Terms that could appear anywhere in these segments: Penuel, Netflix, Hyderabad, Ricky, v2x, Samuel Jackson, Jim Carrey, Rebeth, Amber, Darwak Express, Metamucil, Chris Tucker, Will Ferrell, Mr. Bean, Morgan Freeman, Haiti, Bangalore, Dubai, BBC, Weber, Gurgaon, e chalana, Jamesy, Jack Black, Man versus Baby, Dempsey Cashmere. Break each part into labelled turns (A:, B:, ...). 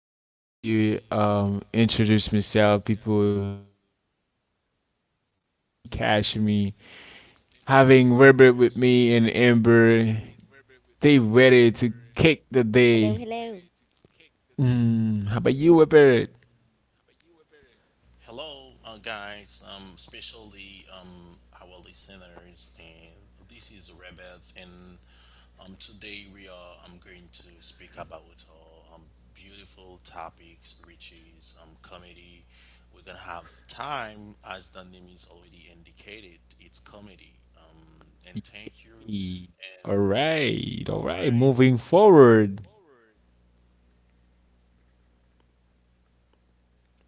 A: I usually introduce myself, people get familiar to this name, Dempsey Cashmere. Having Robert with me and Amber, they ready to kick the day. Mm, how about you, Robert?
B: Hello, guys, especially our listeners, and this is Rebeth, and today we are going to speak about beautiful topics, which is comedy. We're gonna have time, as the name is already indicated, it's comedy. And thank you,
A: Yay. All
B: and
A: right, all
B: all
A: right.
B: right,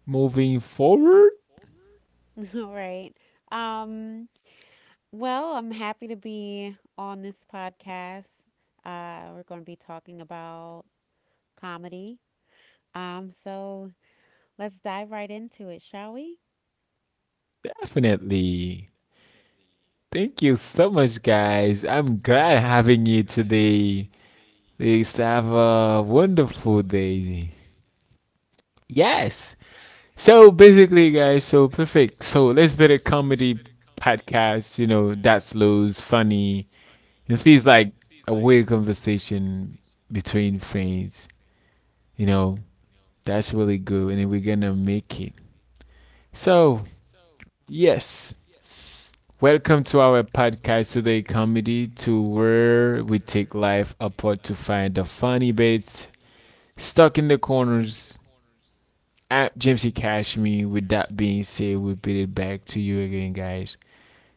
A: Moving forward,
C: Day. All right. Um, well, I'm happy to be on this podcast. We're going to be talking about comedy. So let's dive right into it, shall we?
A: definitely. Thank you so much, guys. I'm glad having you today. Please have a wonderful day. Yes. So basically, guys, so perfect. So let's build a comedy podcast, you know, that's loose, funny. It feels like a weird conversation between friends, you know. That's really good, and then we're gonna make it. So, yes. Welcome to our podcast today, comedy, to where we take life apart to find the funny bits stuck in the corners. I'm Jamesy Cashme. With that being said, we beat it back to you again, guys.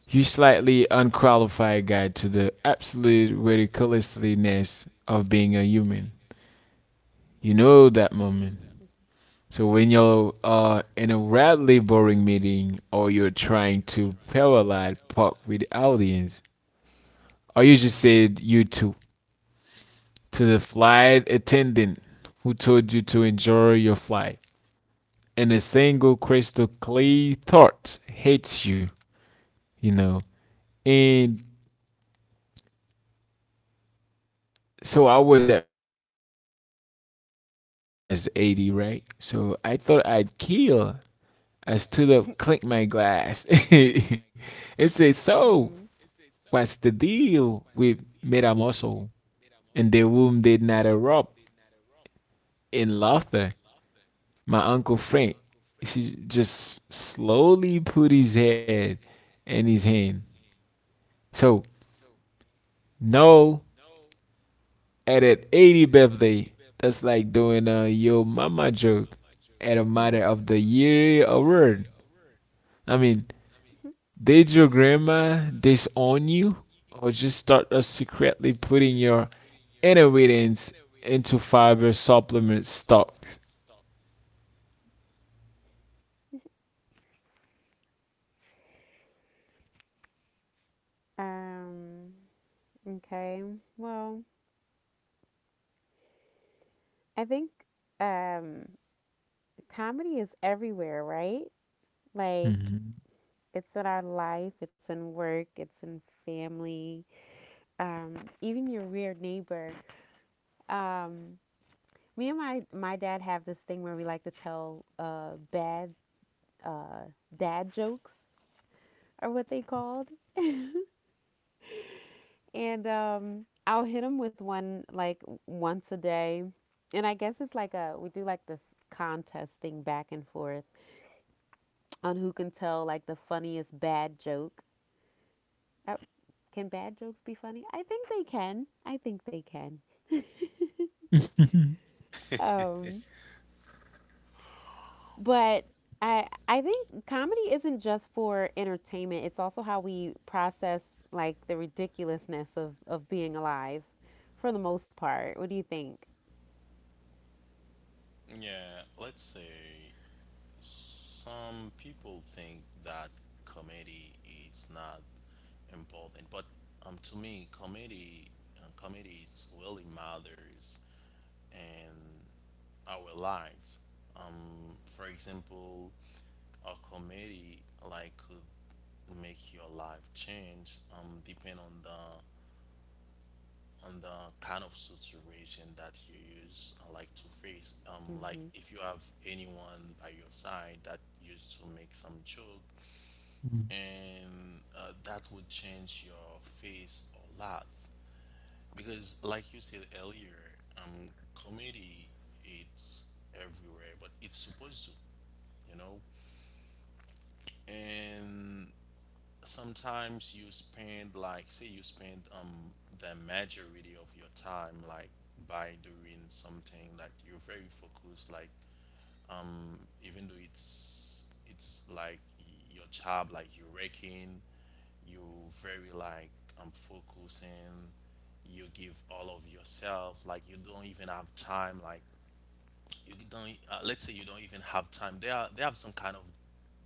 A: You slightly unqualified guide to the absolute ridiculousness of being a human. You know that moment. So when you're in a radically boring meeting or you're trying to parallel park with the audience, or you just said you too to the flight attendant who told you to enjoy your flight. And a single crystal clear thought hits you, you know. And so I was at at my grandma's 80th, right? So I thought I'd kill. I stood up, clinked my glass, and said, so,
C: Mm,
A: what's the deal with Metamucil? And the room did not erupt in laughter. My uncle Frank, he just slowly put his head in his hand. So no, at an 80th birthday, that's like doing a yo mama joke at a
C: mm-hmm.
A: matter of the year award. I mean, did your grandma disown you, or just start us secretly putting your inheritance into fiber supplement stocks?
C: Um, okay. Well, I think um, comedy is everywhere, right? Like,
A: Mhm.
C: it's in our life, it's in work, it's in family, um, even your weird neighbor. Um, Me and my dad have this thing where we like to tell bad uh, dad jokes, are what they called, and I'll hit him with one like once a day, and I guess it's like a we do like this contest thing back and forth on who can tell like the funniest bad joke. Uh, Can bad jokes be funny? I think they can. I think they can. Um, But I think comedy isn't just for entertainment. It's also how we process like the ridiculousness of being alive for the most part. What do you think?
B: yeah, let's say. Some people think that comedy is not important, but to me, comedy is really matters in our life. For example, a comedy like could make your life change depend on the kind of situation that you use like to face like
C: Mhm.
B: if you have anyone by your side that used to make some joke and that would change your face a lot because like you said earlier comedy it's everywhere but it's supposed to, you know, and sometimes you spend like say you spend the majority of your time like by doing something that you're very focused like even though it's like your job, like you're working, you very like focusing, you give all of yourself like you don't even have time like you don't e, let's say you don't even have time, there are they have some kind of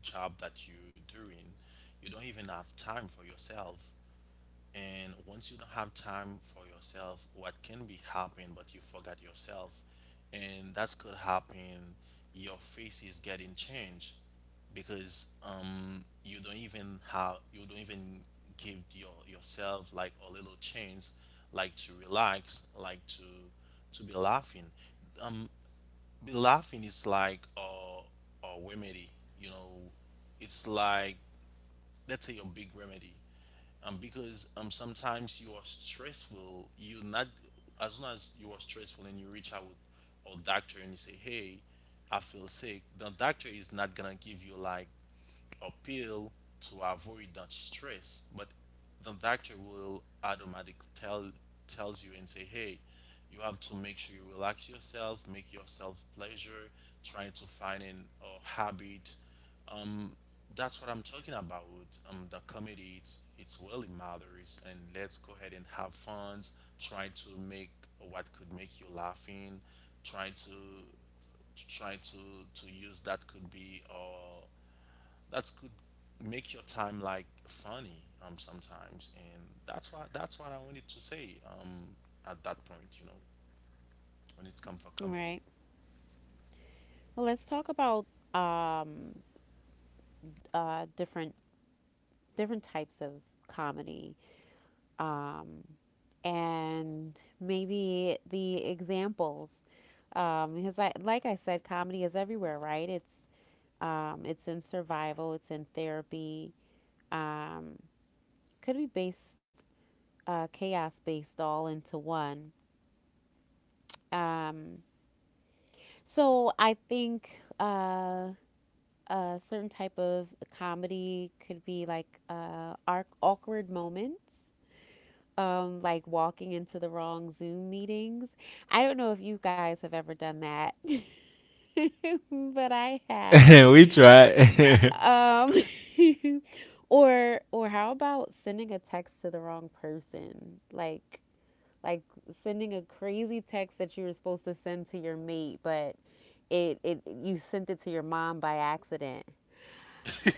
B: job that you're doing, you don't even have time for yourself. And once you don't have time for yourself, what can be happen but you forgot yourself, and that's could happen, your face is getting changed because you don't even have, you don't even give your yourself like a little chance, like to relax, like to be laughing. um be laughing is like a remedy, you know, it's like, let's say, a big remedy. Because Sometimes you are stressful. You not, as soon as you are stressful and you reach out or doctor and you say, "Hey, I feel sick." The doctor is not gonna give you like or pill to avoid that stress, but the doctor will automatically tells you and say, hey, you have to make sure you relax yourself, make yourself pleasure, try to find an a habit. um that's what I'm talking about. The comedy, it's really matters, and let's go ahead and have fun, try to make what could make you laughing, try to try to to use that could be that could make your time like funny sometimes. And that's why that's what I wanted to say at that point, you know, when it's come for
C: All right.
B: comedy.
C: Well, let's talk about um different types of comedy. Um and maybe the examples because I, like I said, comedy is everywhere, right? It's in survival, it's in therapy. Um, could be based chaos based all into one. Um, so I think a certain type of comedy could be like awkward moments. Like walking into the wrong Zoom meetings. I don't know if you guys have ever done that, but I have.
A: We tried.
C: Um, or how about sending a text to the wrong person? Like sending a crazy text that you were supposed to send to your mate, but it you sent it to your mom by accident.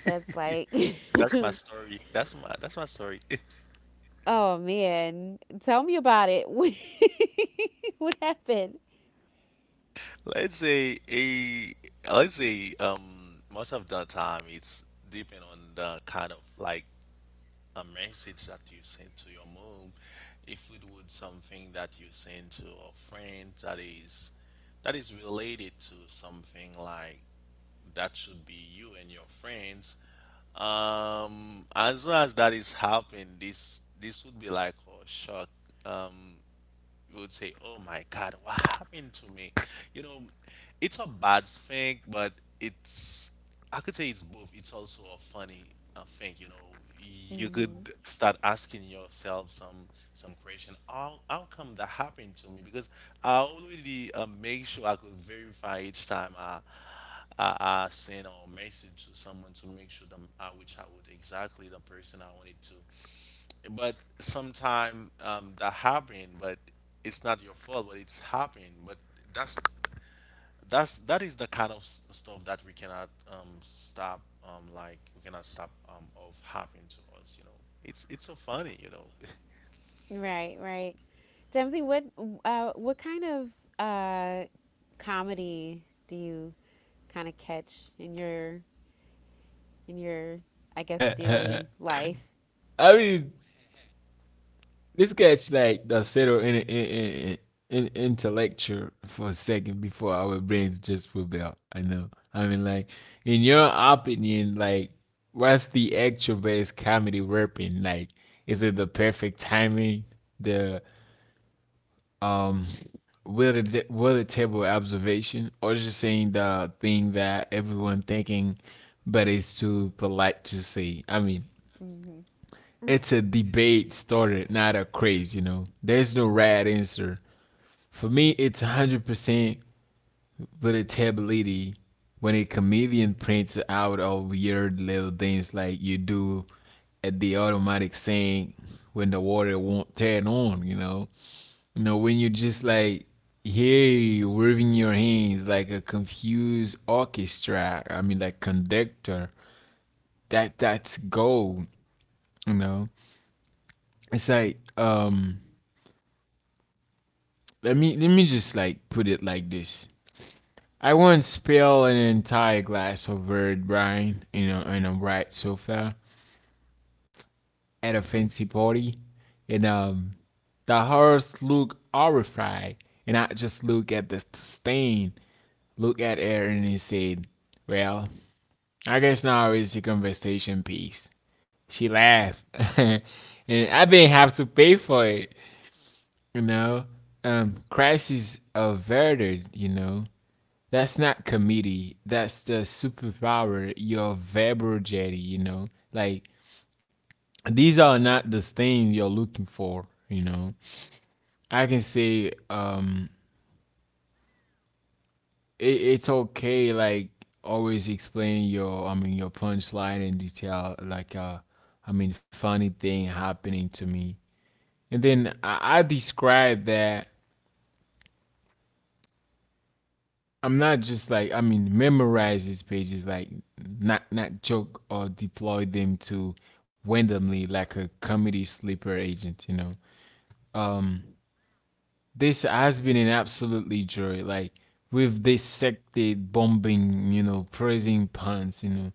C: That's like,
B: That's my story, that's my story.
C: oh man, tell me about it. What happened?
B: Let's say a, let's say most of the time it's depend on the kind of like a message that you send to your mom. If it would something that you send to a friend that is related to something like that should be you and your friends. As soon as that is happening, this would be like a shock. Um, you would say, "Oh my God, what happened to me?" You know, it's a bad thing, but it's, I could say it's both. It's also a funny thing. You know, you could
C: Mm-hmm.
B: start asking yourself some question. How come that happened to me? Because I already make sure I could verify each time I. I send or message to someone to make sure that I which I would exactly the person I wanted to. But sometimes that happen, but it's not your fault, but it's happening. But that's that's that is the kind of stuff that we cannot stop like we cannot stop of happening to us, you know, it's so funny, you know.
C: Right, right. Jamesy, what kind of uh, comedy do you kind of catch in your I guess
A: I
C: daily life?
A: mean, this catch like the settle in intellectual for a second before our brains just rebel. I know. I mean, like in your opinion, like what's the actual best comedy rapping? Like, is it the perfect timing, the um, will it table observation, or just saying the thing that everyone thinking, but it's too polite to say? I mean,
C: Mm-hmm.
A: it's a debate started, not a craze, you know. There's no right answer. For me, it's 100% relatability when a comedian prints out of weird little things like you do at the automatic sink when the water won't turn on. You know, when you just like, hey, waving your hands like a confused orchestra, I mean, like conductor, that's gold, you know. It's like, let me just like put it like this. I once spilled an entire glass of red wine in a bright sofa at a fancy party, and the horse looked horrified, and I just looked at the stain, looked at her, and he said, "Well, I guess now is the conversation piece." She laughed, and I didn't have to pay for it. You know, crisis averted. You know that's not comedy. That's the superpower, your verbal jetty, you know? Like, these are not the things you're looking for, you know? I can say, it, it's okay, like, always explain your punchline in detail, like, I mean, funny thing happening to me. And then I describe that I'm not just like I mean memorize these pages like not joke or deploy them to randomly like a comedy sleeper agent, you know. This has been an absolutely joy. Like we've dissected bombing, you know, praising puns, you know,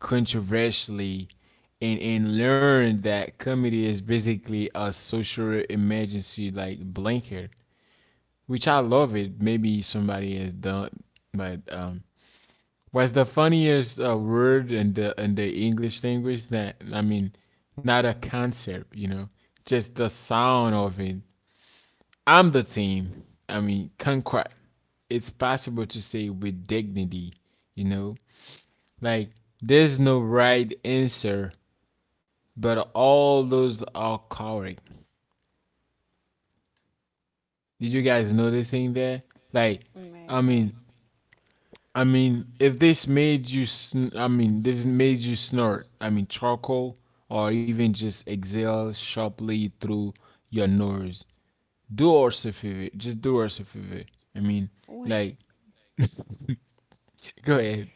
A: controversially and learned that comedy is basically a social emergency like blanket, which I love it. Maybe somebody has done but what's the funniest word in the English language that I mean, not a concept, you know, just the sound of it. I'm the team. I mean, conquer. It's possible to say with dignity, you know, like there's no right answer, but all those are correct. Did you guys noticing that? Like,
C: Right,
A: I mean,
C: right.
A: I mean, if this made you, sn- I mean, this made you snort. I mean, charcoal, or even just exhale sharply through your nose. Do us a favor. Just do us a favor. I mean, like, go ahead.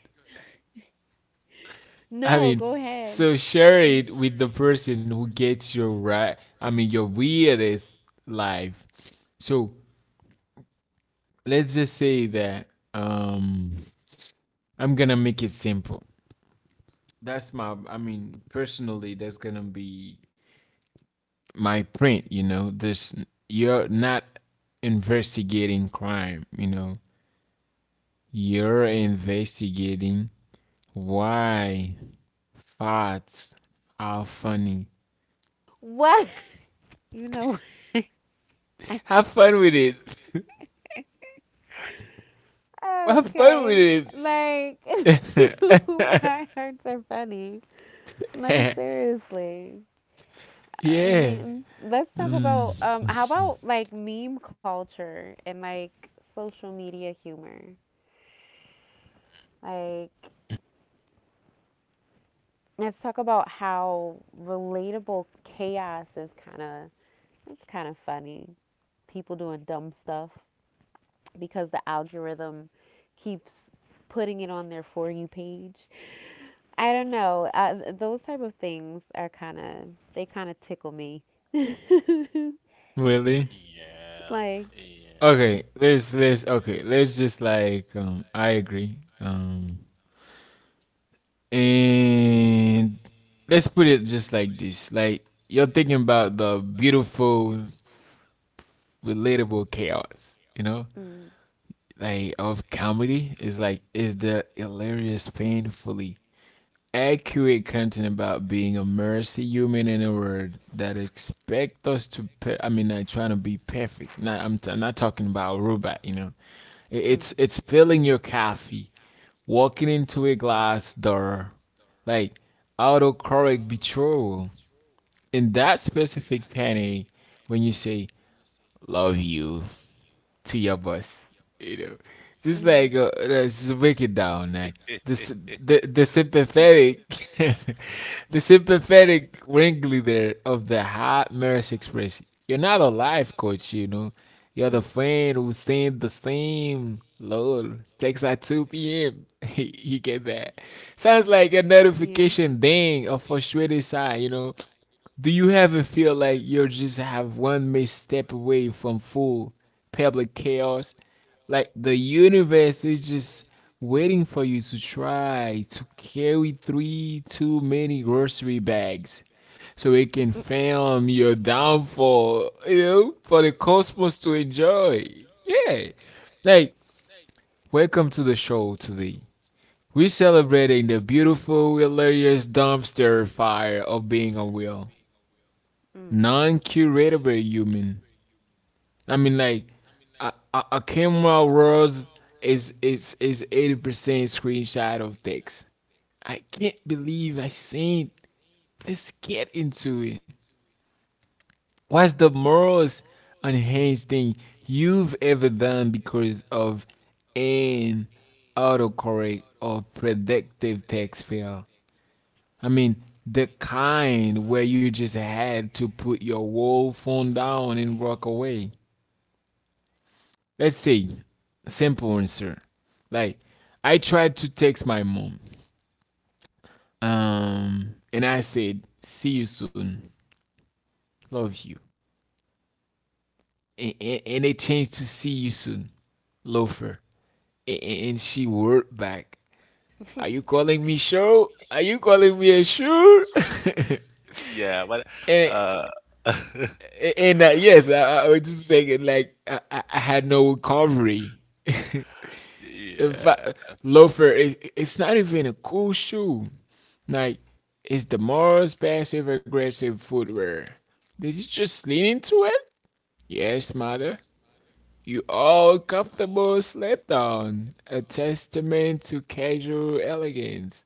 A: I
C: No,
A: mean,
C: go ahead.
A: so share it with the person who gets your right. I mean, your weirdest life. So let's just say that um, I'm gonna make it simple. That's my. I mean, personally, that's gonna be my print, you know this, you're not investigating crime, you know, you're investigating why farts are funny.
C: What? You know,
A: Have fun with it. Have fun
C: okay.
A: with
C: Like,
A: it.
C: why hurts are funny. No, seriously. I
A: Yeah.
C: mean, let's talk
A: Mm,
C: about, how about like meme culture and like social media humor? Like, let's talk about how relatable chaos is it's kind of funny. People doing dumb stuff because the algorithm keeps putting it on their For You page. I don't know. Those type of things are kind of they kind of tickle me. Like,
A: really?
B: Yeah, yeah.
A: Okay, let's okay let's just like I agree. And let's put it just like this. Like you're thinking about the beautiful, relatable chaos, you know?
C: mm,
A: Like of comedy is like is the hilarious painfully accurate content about being a mercy human in a world that expect us to like trying to be perfect not I'm, t- I'm not talking about a robot, you know. I-
C: mm,
A: it's
C: mm,
A: it's spilling your coffee, walking into a glass door like autocorrect betrayal in that specific penny when you say love you to your boss. You know, just
C: mm,
A: like let's just break it down. Like the s- the sympathetic, the sympathetic ringleader of the hot Maris Express. You're not a life coach, you know. You're the friend who sings the same lol text at 2 p.m. you get that. Sounds like a notification ding, a frustrated sigh, you know. Do you ever feel like you're just have one misstep away from full public chaos? Like the universe is just waiting for you to try to carry three too many grocery bags so it can film your downfall, you know, for the cosmos to enjoy. Yeah. Like, welcome to the show today. We're celebrating the beautiful, hilarious dumpster fire of being a wheel
C: mm.
A: non-curatable human. I mean, like a camera rolls is 80% screenshot of text. I can't believe I seen. Let's get into it. What's the most unhinged thing you've ever done because of an autocorrect or predictive text fail? I mean, the kind where you just had to put your whole phone down and walk away. Let's say simple answer, like I tried to text my mom and I said see you soon, love you, and it changed to see you soon, love her, and she wrote back, are you calling me a sure?
B: Yeah, but
A: and,
B: uh
A: and yes, I was just saying like I had no recovery. In
B: yeah,
A: fact, loafer is it's not even a cool shoe. Like it's the most passive aggressive footwear. Did you just lean into it? Yes, mother. You all comfortable slept on. A testament to casual elegance.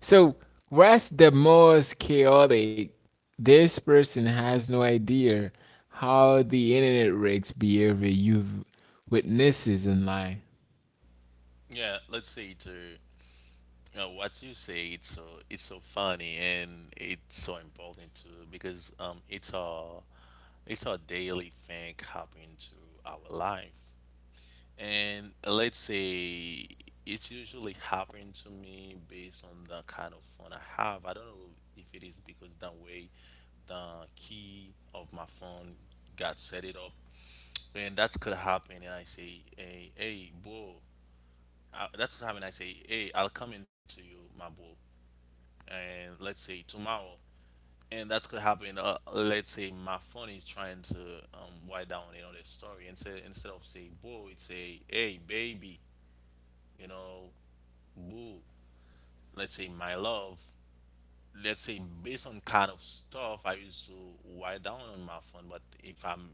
A: So what's the most chaotic? This person has no idea how the internet wrecks behavior you've witnesses in life.
B: yeah, let's say too. Know, what you say, it's so funny and it's so important too because it's our daily thing happening to our life. And let's say it's usually happening to me based on the kind of phone I have. I don't know if it is because the way the key of my phone got set it up, and that could happen, and I say, hey, hey, bro. I, that's what happened, I say, hey, I'll come into you, my bro, and let's say tomorrow. And that's could happen, let's say my phone is trying to write down another story, instead of say boo it's say, hey baby, you know, boo, let's say my love, let's say based on kind of stuff I used to write down on my phone. But if I'm,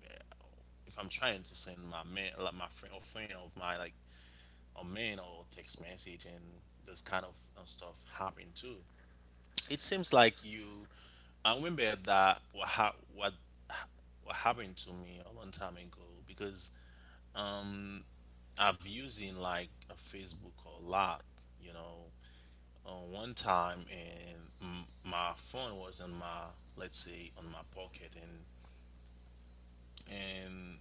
B: if I'm trying to send my man, like my friend or friend of my like a man or text message, and this kind of stuff happen too. It seems like you. I remember that what ha- what happened to me a long time ago because I've using like a Facebook a lot, you know. On one time, and my phone was on my, let's say on my pocket, and and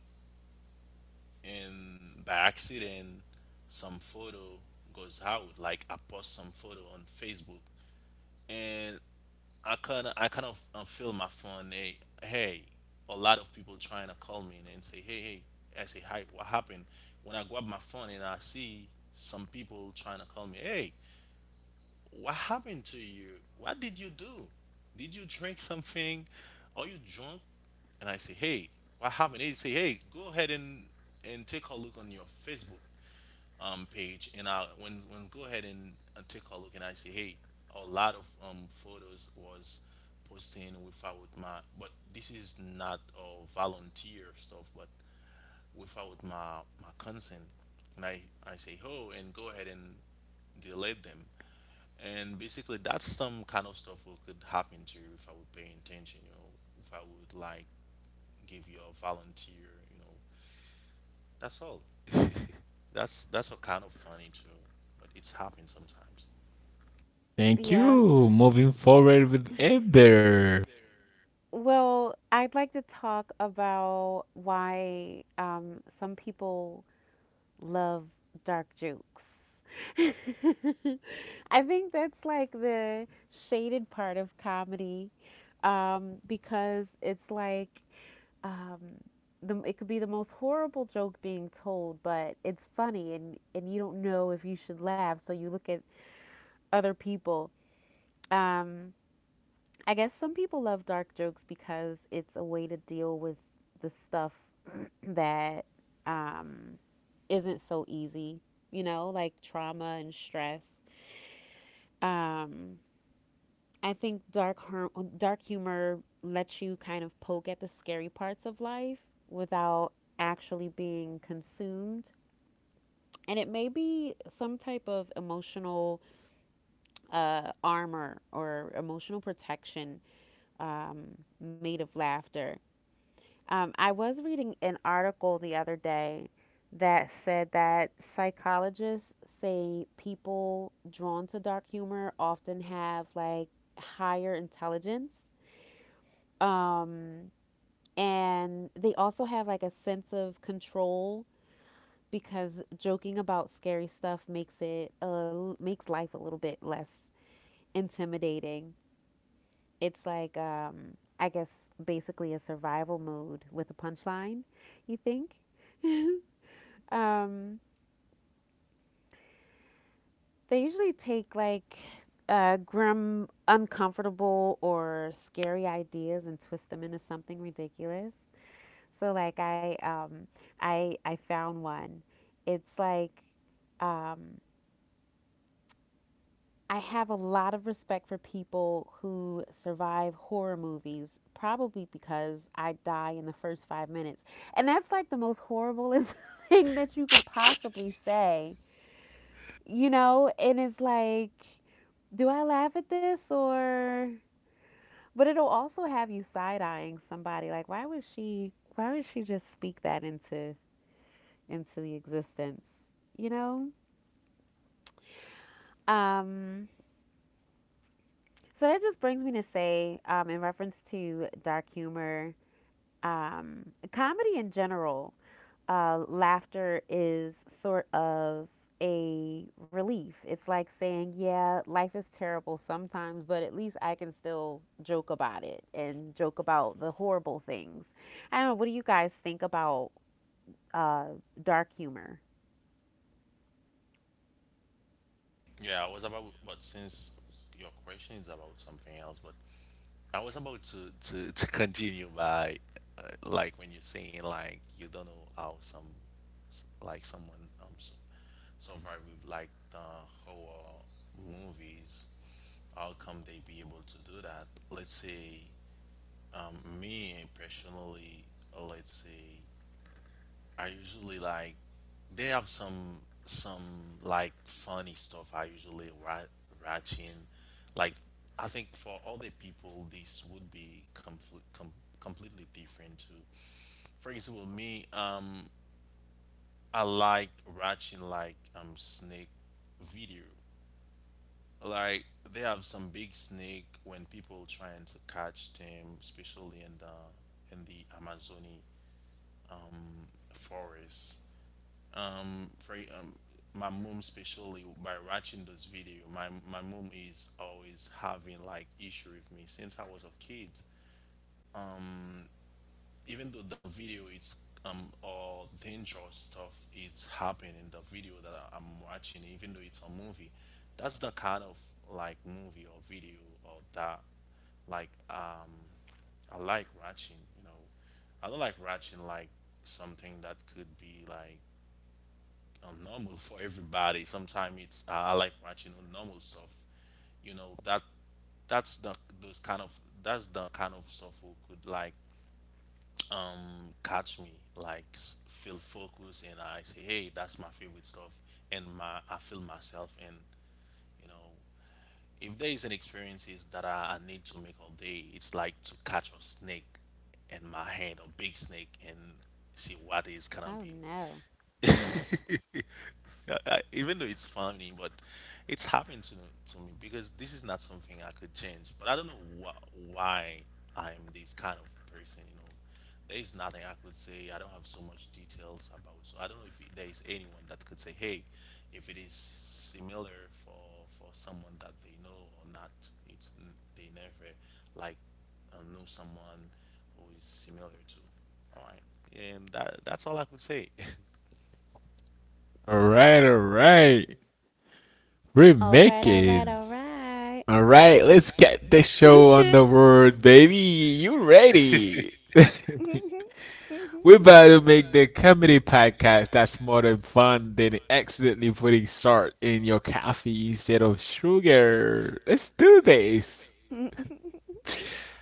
B: and by accident, some photo goes out. Like I post some photo on Facebook, and I kind of feel my phone. Hey, hey, a lot of people trying to call me, and say, hey, hey. I say, hi, what happened? When I grab my phone and I see some people trying to call me, hey, what happened to you? What did you do? Did you drink something? Are you drunk? And I say, hey, what happened? They say, hey, go ahead and take a look on your Facebook page. And I when go ahead and take a look and I say, hey, a lot of photos was posting without my, but this is not a volunteer stuff, but without my my consent. And I say, oh, and go ahead and delete them. And basically that's some kind of stuff that could happen to you if I would pay attention, you know, if I would like give you a volunteer, you know, that's all. That's what kind of funny too, but it's happened sometimes.
A: Thank
C: Yeah.
A: you. Moving forward with Ember.
C: Well, I'd like to talk about why some people love dark jokes. I think that's like the shaded part of comedy because it's like um, the, it could be the most horrible joke being told, but it's funny and you don't know if you should laugh. So you look at other people. Um, I guess some people love dark jokes because it's a way to deal with the stuff that um, isn't so easy, you know, like trauma and stress. Um, I think dark humor lets you kind of poke at the scary parts of life without actually being consumed. And it may be some type of emotional armor or emotional protection um, made of laughter. I was reading an article the other day that said that psychologists say people drawn to dark humor often have like higher intelligence. Um, and they also have like a sense of control because joking about scary stuff makes it makes life a little bit less intimidating. It's like I guess basically a survival mode with a punchline. You think? um, they usually take like grim, uncomfortable, or scary ideas and twist them into something ridiculous. So like I I found one. It's like um, I have a lot of respect for people who survive horror movies, probably because I die in the first 5 minutes. And that's like the most horriblest thing that you could possibly say, you know? And it's like, do I laugh at this or. But it'll also have you side eyeing somebody. Like, why would she. Why would she just speak that into the existence? You know? Um, so that just brings me to say, in reference to dark humor, um, comedy in general, laughter is sort of a relief. It's like saying, yeah, life is terrible sometimes, but at least I can still joke about it and joke about the horrible things. I don't know. What do you guys think about uh, dark humor?
B: Yeah, I was about, but since your question is about something else, but I was about to continue by, uh, like when you're saying like you don't know how some, like someone survive with like the horror movies, how come they be able to do that? Let's say me personally, let's say I usually like they have some like funny stuff I usually watching. Like I think for other people this would be completely different too. For example, me I like watching like snake video. Like they have some big snake when people trying to catch them, especially in the Amazonian forest. For My mom, especially, by watching this video, my mom is always having like issue with me since I was a kid, even though the video it's all dangerous stuff. It's happening in the video that I'm watching, even though it's a movie, that's the kind of like movie or video or that like um I like watching, you know. I don't like watching like something that could be like normal for everybody. Sometimes it's I like watching the normal stuff. You know that that's the those kind of that's the kind of stuff who could like catch me like feel focused, and I say, hey, that's my favorite stuff, and my I feel myself, and you know, if there is an experiences that I need to make all day, it's like to catch a snake in my hand, a big snake, and see what it's gonna
C: Oh, no.
B: be. I, even though it's funny, but it's happened to me because this is not something I could change. But I don't know why I'm this kind of person. You know, there is nothing I could say. I don't have so much details about. So I don't know if there is anyone that could say, hey, if it is similar for someone that they know or not. It's they never like know someone who is similar to. All right, and that's all I could say.
A: All right, all right.
C: All right, all right,
A: Remaking.
C: all right.
A: All right, let's get the show on the road, baby. You ready? We're about to make the comedy podcast that's more than fun than accidentally putting salt in your coffee instead of sugar. Let's do this.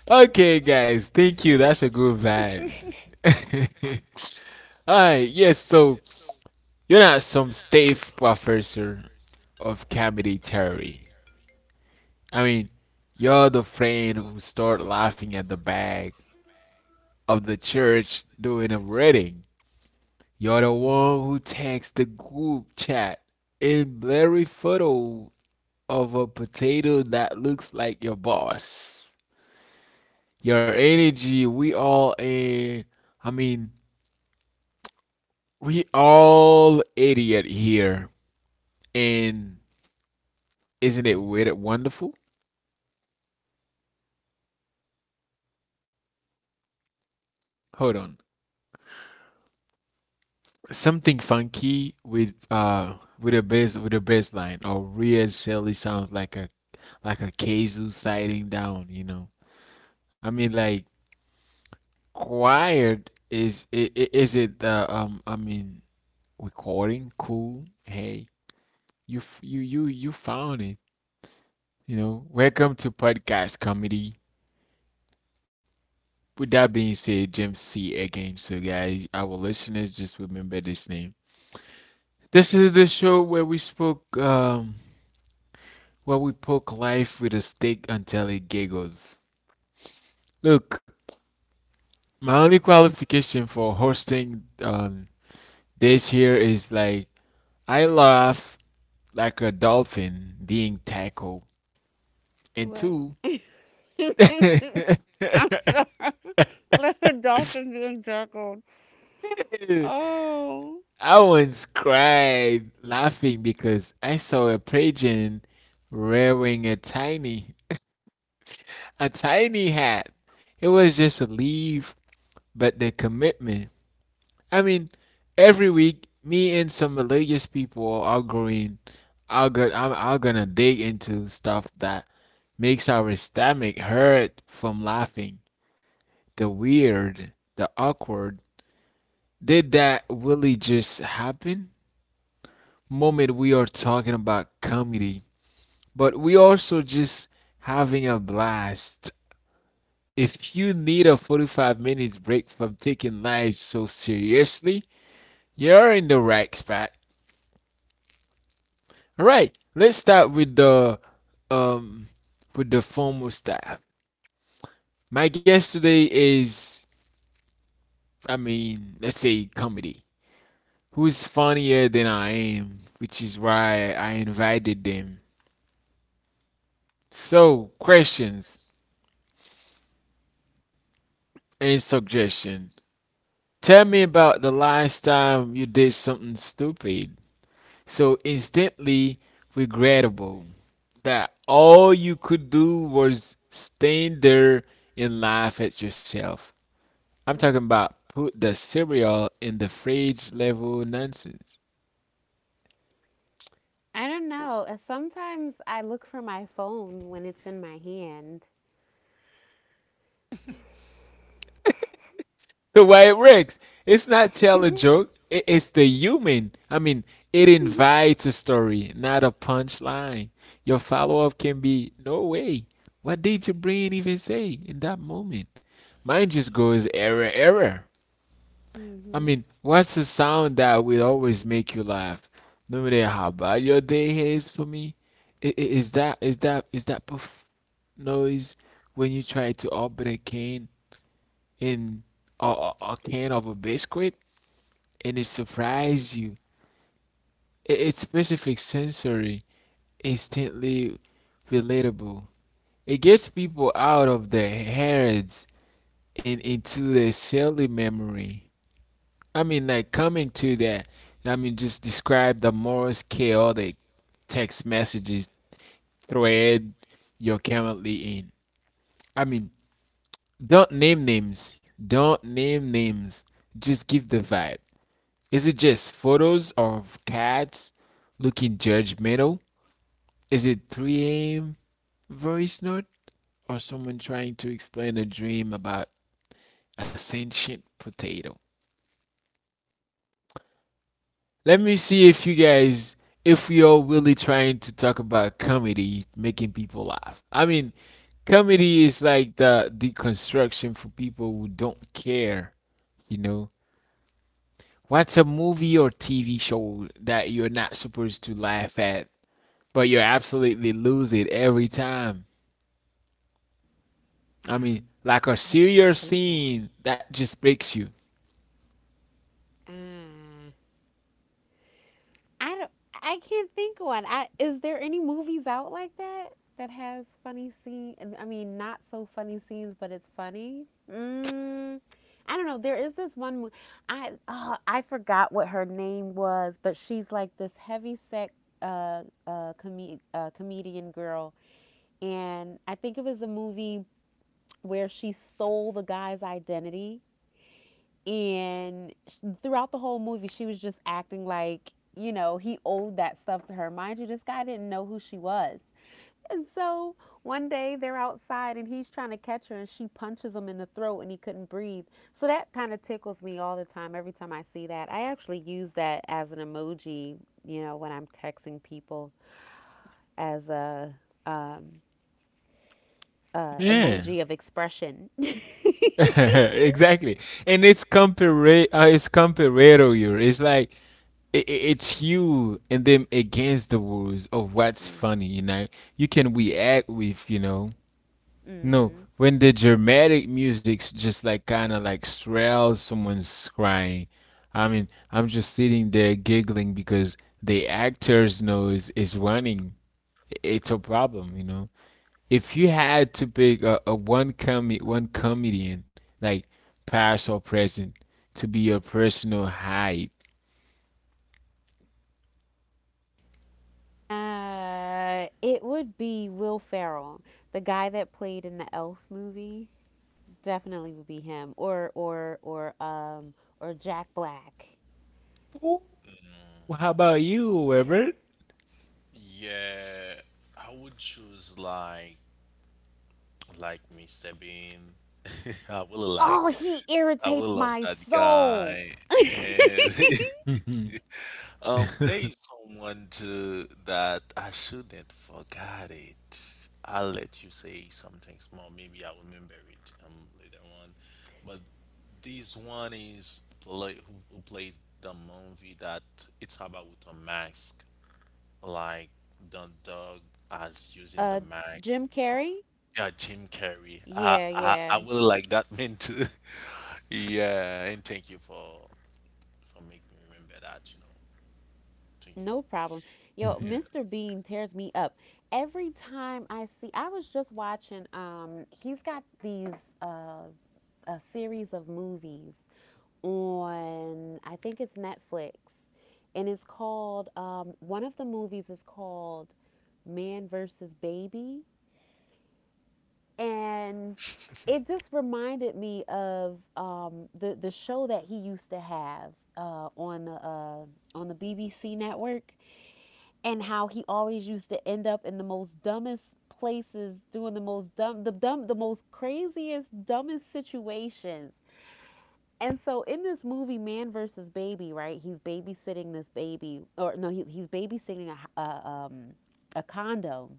A: Okay, guys. Thank you. That's a good vibe. All right. Yes. So you're not some stiff professor of comedy theory. I mean, you're the friend who started laughing at the back of the church during a reading. You're the one who takes the group chat in blurry photo of a potato that looks like your boss. Your energy, we all in. I mean, we all idiot here. And isn't it weird and wonderful? Hold on. Something funky with a bass, line, or weird silly sounds like a kazoo sliding down, you know. I mean, like quiet is it, recording cool? Hey, you found it, you know. Welcome to podcast comedy. With that being said, Jim C again. So guys, our listeners, just remember this name. This is the show where we spoke where we poke life with a stick until it giggles. Look, my only qualification for hosting this here is like I laugh like a dolphin being tackled, and
C: What?
A: two, I
C: I'm sorry. Like a dolphin being juggled. Oh.
A: once cried laughing because I saw a pigeon wearing a tiny hat. It was just a leaf, but the commitment. I mean, every week, me and some religious people are going, are go, I'm, are gonna dig into stuff that makes our stomach hurt from laughing. The weird, the awkward. Did that really just happen? Moment we are talking about comedy, but we also just having a blast. If you need a 45 minutes break from taking life so seriously, you're in the right spot. All right, let's start um with the formal stuff. My guest today is, let's say comedy. Who's funnier than I am, which is why I invited them. So, questions and suggestion. Tell me about the last time you did something stupid, so instantly regrettable that all you could do was stand there and laugh at yourself. I'm talking
C: Mm.
A: about put the cereal in the fridge level nonsense.
C: I don't know. Sometimes I look for my phone when it's in my hand.
A: The way it works, it's not tell a joke. It's the human. I mean, it invites a story, not a punchline. Your follow up can be no way. What did your brain even say in that moment? Mine just goes error, error. I
C: Mm-hmm.
A: mean, what's the sound that will always make you laugh? No matter how bad your day is for me, is that poof noise when you try to open a can in a can of a biscuit and it surprise you. It's specific sensory, instantly relatable. It gets people out of their heads and into their silly memory. I mean, like coming to that, I mean, just describe the Morse chaotic text messages thread you're currently in. I mean, don't name names. Don't name names. Just give the vibe. Is it just photos of cats looking judgmental? Is it 3 a.m. voice note or someone trying to explain a dream about a sentient potato? Let me see if you guys, if you're really trying to talk about comedy making people laugh. I mean, comedy is like the deconstruction for people who don't care, you know? What's a movie or TV show that you're not supposed to laugh at, but you absolutely lose it every time? I mean, like a
C: I can't
A: serious
C: one.
A: scene that just breaks you.
C: Uh, I don't. I can't think one. I, Is there any movies out like that that has funny scene? I mean, not so funny scenes, but it's funny. Mm, I don't know. There is this one. Mo- I Oh, I forgot what her name was, but she's like this heavy set comedian girl, and I think it was a movie where she stole the guy's identity. And throughout the whole movie, she was just acting like, you know, he owed that stuff to her. Mind you, this guy didn't know who she was. And so one day they're outside and he's trying to catch her and she punches him in the throat and he couldn't breathe. So that kind of tickles me all the time every time I see that. I actually use that as an emoji, you know, when I'm texting people as a um,
A: Yeah.
C: emoji of expression.
A: exactly. And it's compar it's comparator you. It's like it's you and them against the rules of what's funny, you can react with, no,
C: Mm-hmm.
A: when the dramatic music's just like kind of like swells, someone's crying. I mean, I'm just sitting there giggling because the actor's nose is running. It's a problem, you know. If you had to pick one comedian, like past or present, to be your personal hype.
C: It would be Will Ferrell, the guy that played in the Elf movie. Definitely would be him,
A: Hmm.
C: or or Jack Black.
A: Well, how about you, Wilbert?
B: Yeah, I would choose like Mr. Bean. I really
C: Oh,
B: like
C: he
B: I will
C: irritates
B: love
C: my
B: that
C: soul.
B: guy. And there is someone too that I shouldn't forget it. I'll let you say something small, maybe I'll remember it later on. But this one is play, who plays the movie that it's about with a mask. Like the Dog as using the
C: Uh,
B: max.
C: Jim
B: Um,
C: Carrey.
B: yeah, Jim Carrey. I,
C: Yeah,
B: I
C: yeah,
B: really like that man too. Yeah, and thank you for making me remember that. You know, thank
C: no
B: you.
C: problem. Yo,
B: Yeah.
C: Mr. Bean tears me up every time I see. I was just watching. He's got these uh a series of movies on I think it's Netflix, and it's called one of the movies is called Man versus Baby, and it just reminded me of the show that he used to have on the BBC network, and how he always used to end up in the most dumbest places doing the most craziest dumbest situations. And so in this movie, Man versus Baby, right? He's babysitting this baby, or no, he's babysitting a condo.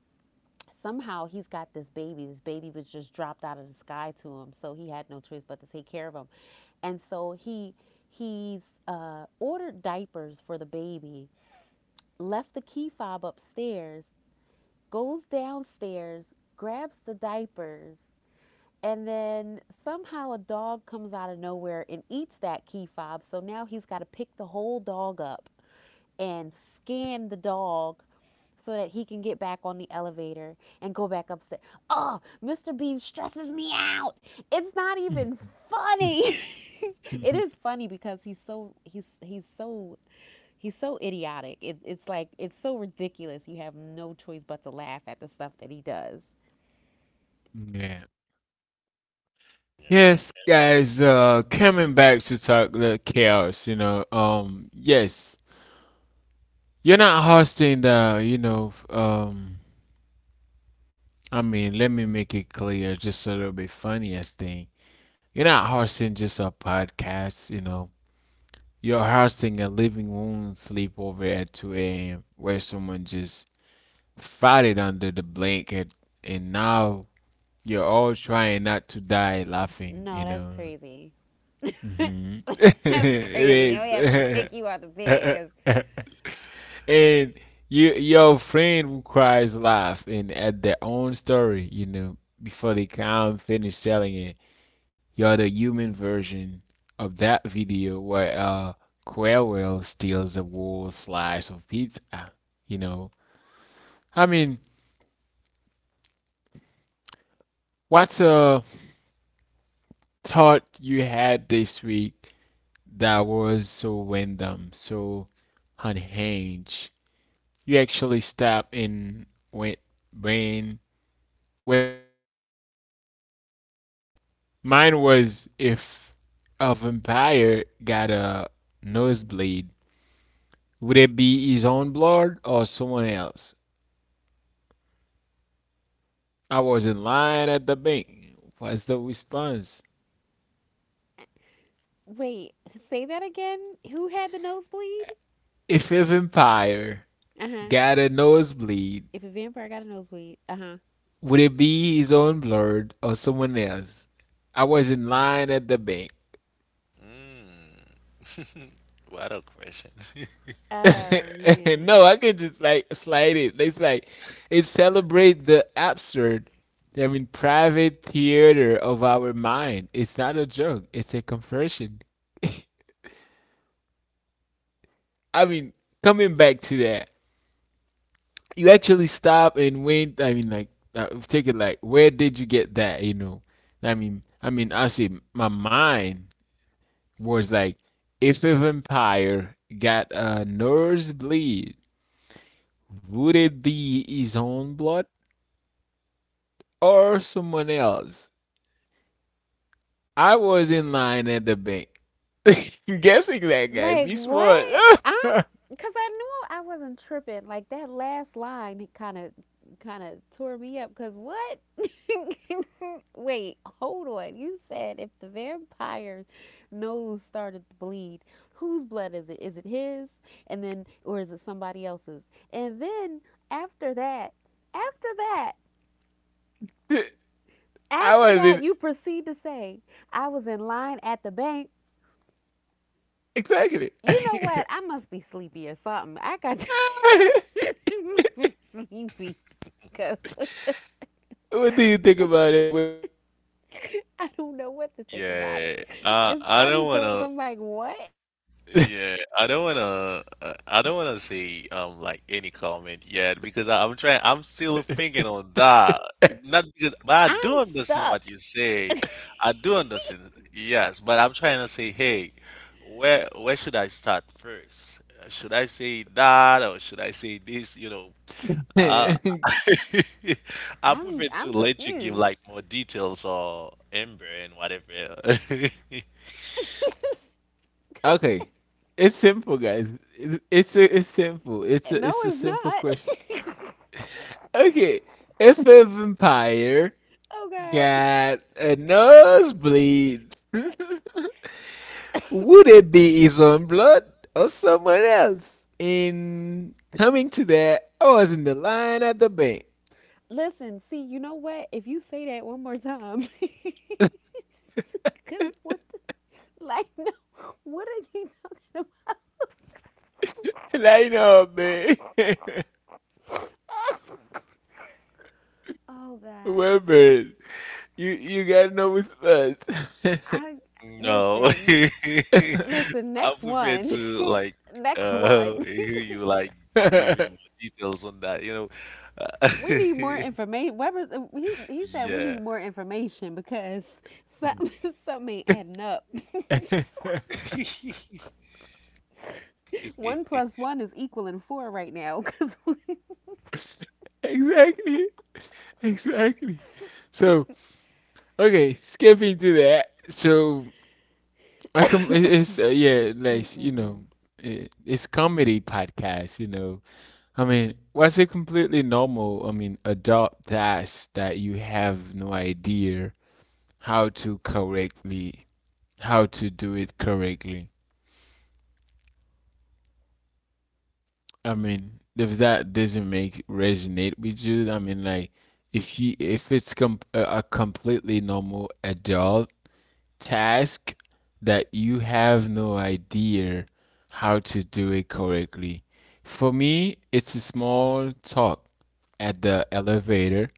C: Somehow he's got this baby. This baby was just dropped out of the sky to him, so he had no choice but to take care of him. And so he's ordered diapers for the baby, left the key fob upstairs, goes downstairs, grabs the diapers, and then somehow a dog comes out of nowhere and eats that key fob. So now he's got to pick the whole dog up and scan the dog so that he can get back on the elevator and go back upstairs. Oh, Mr. Bean stresses me out. It's not even funny. It is funny because he's so idiotic. It's like it's so ridiculous. You have no choice but to laugh at the stuff that he does.
A: yeah. Yes, guys, coming back to talk the chaos, you know. Um, yes. You're not hosting the, I mean, let me make it clear, just a little bit funniest thing. You're not hosting just a podcast, you know. You're hosting a living room sleepover at two a.m. where someone just farted under the blanket, and now you're all trying not to die laughing,
C: No,
A: you
C: that's
A: know.
C: crazy.
A: Hmm.
C: That's crazy.
A: It
C: And we have to
A: is.
C: kick you out the bed because,
A: And you, your friend who cries laugh and at their own story, you know, before they can finish selling it. You're the human version of that video where Querwell steals a whole slice of pizza, you know. I mean, what's a thought you had this week that was so random, so unhinged. You actually stopped and went, brain, where did you get that? Mine was, if a vampire got a nosebleed, would it be his own blood or someone else? I was in line at the bank. What's the response?
C: wait, say that again. Who had the nosebleed?
A: If a vampire
C: Uh huh.
A: got a nosebleed,
C: If a vampire got a nosebleed. Uh huh.
A: would it be his own blood or someone else? I was in line at the bank.
B: Yeah. Mm. What a question.
C: Oh
A: No,
C: man.
A: I could just like slide it. It's like it celebrate the absurd. I mean, private theater of our mind. It's not a joke. It's a conversion. I mean, coming back to that, you actually stop and went. I mean, like take it, like, where did you get that? You know, I mean, I see my mind was like, if a vampire got a nosebleed, would it be his own blood? Or someone else. I was in line at the bank. Guessing that guy,
C: Like
A: be smart.
C: what? I'm because I knew I wasn't tripping. Like that last line kind of tore me up. Cause what? Wait, hold on. You said if the vampire's nose started to bleed, whose blood is it? Is it his? And then, or is it somebody else's? And then after that, after that,
A: I
C: after
A: was
C: that,
A: in
C: you proceed to say, "I was in line at the bank."
A: exactly.
C: You know what? I must be sleepy or something. I got. It makes me sleepy because what
A: What do you think about it, Wilbur?
C: I don't know what to think about it.
B: Yeah. Uh,
C: It's
B: I
C: funny
B: don't
C: because I'm
B: wanna
C: like, what?
B: Yeah, I don't wanna. I don't wanna say like any comment yet because I'm trying. I'm still thinking on that. Not because, but I
C: I'm
B: do understand what
C: stuck.
B: you say. I do understand. Yes, but I'm trying to say, hey, where should I start first? Should I say that or should I say this? You know, uh, I
C: I'm
B: prefer
C: I'm
B: to let you give
C: confused.
B: like more details or Amber and whatever.
A: Okay, it's simple, guys. It's a, it's simple.
C: No,
A: It's a
C: it's
A: simple question.
C: not.
A: Okay, if a vampire
C: Oh God.
A: got a nosebleed, would it be his own blood or someone else? In coming to that, I was in the line at the bank.
C: Listen, see, you know what? If you say that one more time, because what the like no, what are you talking about?
A: Line up, man.
C: Oh
A: Well,
C: God.
A: man, you gotta know what's first.
C: I
B: No.
C: Listen, listen.
B: I'm
C: Next
B: prepared
C: one.
B: to like
C: Next one.
B: hear you like giving more details on that, you know. Uh,
C: We need more information. Weber, he said we need
B: yeah.
C: more information because something, something ain't adding up. One plus one is equaling four right now. 'cause-
A: Exactly, exactly. So okay, skipping to that. So it's yeah,
C: Mm,
A: like you
C: mm,
A: know, it, it's comedy podcast. You know, I mean, was it completely normal? I mean, adult tasks that you have no idea how to correctly, how to do it correctly. I mean, if that doesn't make resonate with you, I mean, like if you if a completely normal adult task that you have no idea how to do it correctly. For me, it's a small talk at the elevator.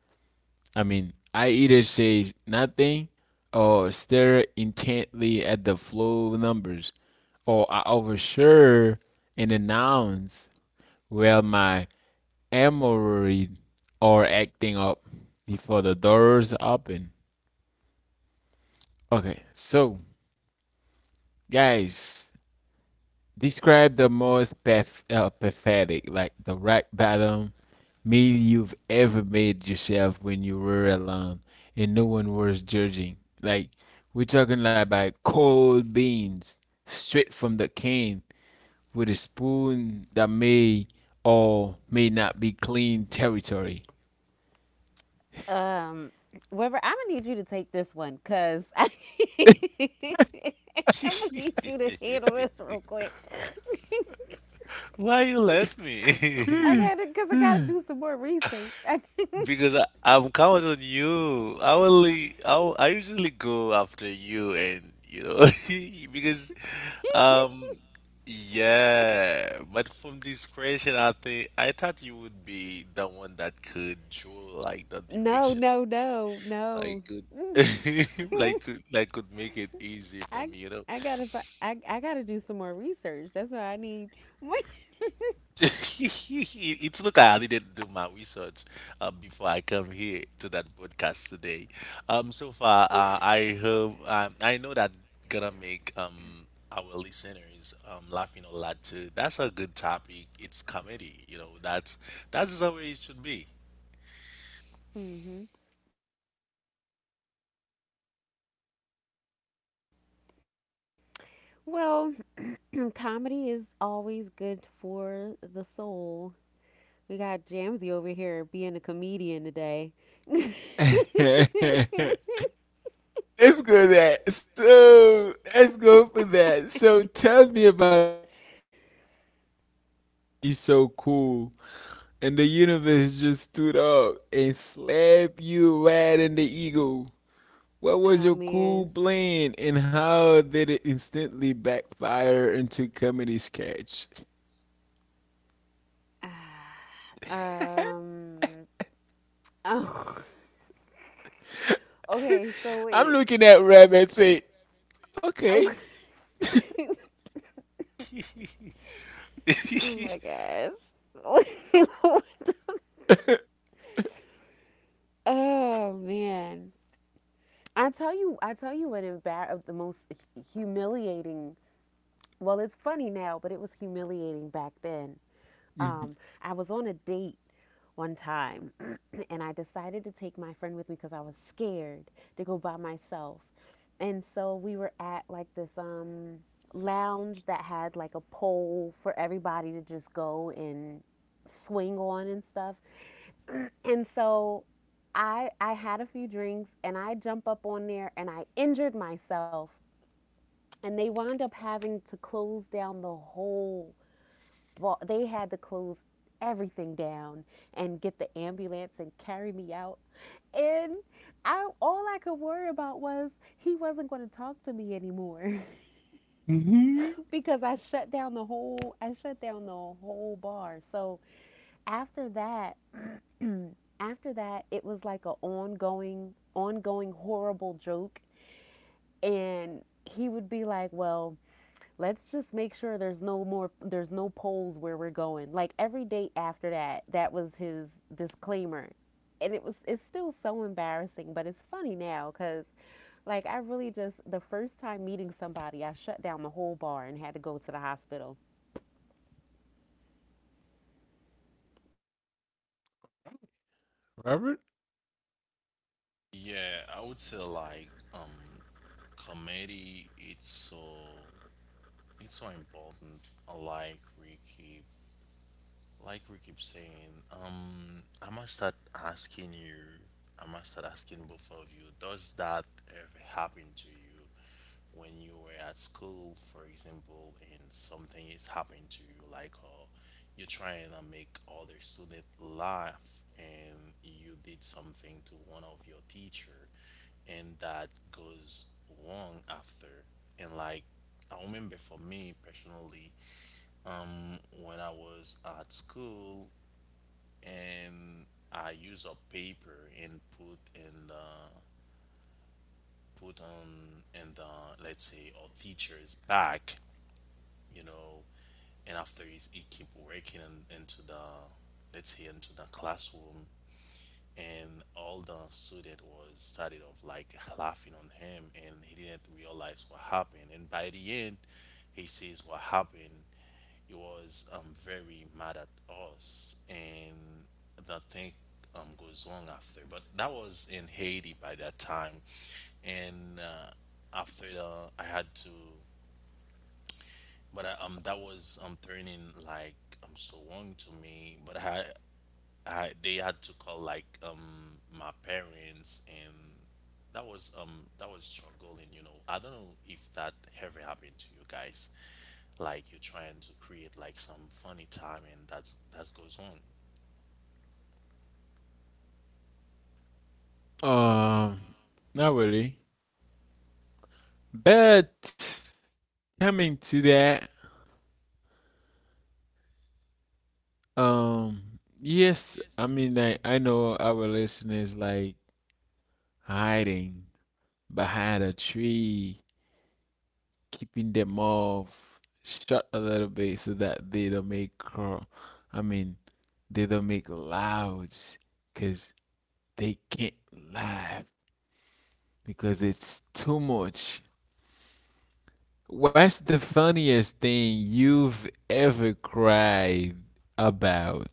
A: I mean, I either say nothing or stare intently at the flow numbers, or I overshare and announce well my emery or acting up before the doors open. Okay, so guys, describe the most pathetic, like the rock bottom meal you've ever made yourself when you were alone and no one was judging. Like, we're talking like about cold beans straight from the can with a spoon that may or may not be clean territory.
C: mm. Weber, I'm gonna need you to take this one because I'm gonna need you to handle this real quick.
B: Why you let me?
C: I gotta, cause I gotta do some more research.
B: Because I'm counting on you. I usually go after you and you know because Um, yeah, but from this question, I think I thought you would be the one that could draw like the
C: No,
B: direction,
C: no, no,
B: like
C: no.
B: could, like to, like could make it easy for
C: I
B: me, you know.
C: I gotta I gotta do some more research. That's what I need.
B: It's look I didn't do my research before I come here to that podcast today. So far, I hope I know that gonna make our listeners laughing a lot too. That's a good topic. It's comedy, you know. That's the way it should be.
C: Mm-hmm. Well, comedy is always good for the soul. We got Jamsey over here being a comedian today.
A: Let's go that. So let's go for that. So tell me about a time you were trying to be so cool and the universe just stood up and slapped you right in the ego. What
C: Oh
A: was your
C: man.
A: cool plan and how did it instantly backfire into comedy sketch?
C: Ah, um. Oh. Okay. So
A: I'm
C: wait.
A: looking at Rabbit and say, okay.
C: Oh my gosh. Oh man. I tell you. I tell you what. Of the most humiliating. Well, it's funny now, but it was humiliating back then. Um, I was on a date one time and I decided to take my friend with me because I was scared to go by myself. And so we were at like this lounge that had like a pole for everybody to just go and swing on and stuff. And so I had a few drinks and I jump up on there and I injured myself and they wound up having to close down they had to close everything down and get the ambulance and carry me out. And I, all I could worry about was he wasn't going to talk to me anymore
A: Mm-hmm.
C: because I shut down the whole bar. So after that, after that, it was like an ongoing horrible joke and he would be like, "Well, let's just make sure there's no polls where we're going," like every date after that that was his disclaimer and it was it's still so embarrassing but it's funny now because like I really just the first time meeting somebody I shut down the whole bar and had to go to the hospital.
A: Robert?
B: Yeah, I would say like comedy it's so important. Like Ricky, like we keep saying, I must start asking you, I must start asking both of you, does that ever happen to you when you were at school, for example, and something is happening to you, like you're trying to make other student laugh and you did something to one of your teacher and that goes wrong after and like I remember for me personally, when I was at school, and I use a paper and put in the put on in the, let's say, a teacher's back, you know, and after is he keep working in, into the, let's say, into the classroom and all the student was started of like laughing on him and he didn't realize what happened, and by the end he sees what happened. He was very mad at us, and the thing goes on after, but that was in Haiti by that time. And after the, I had to, but that was turning like so long to me, but I they had to call like my parents, and that was struggling, you know. I don't know if that ever happened to you guys, like you're trying to create like some funny timing and that's that goes on.
A: Um, not really. But coming to that, um, yes, I mean, I know our listeners like hiding behind a tree, keeping them off shut a little bit so that they don't make crawl. I mean, they don't make louds because they can't laugh because it's too much. What's the funniest thing you've ever cried about?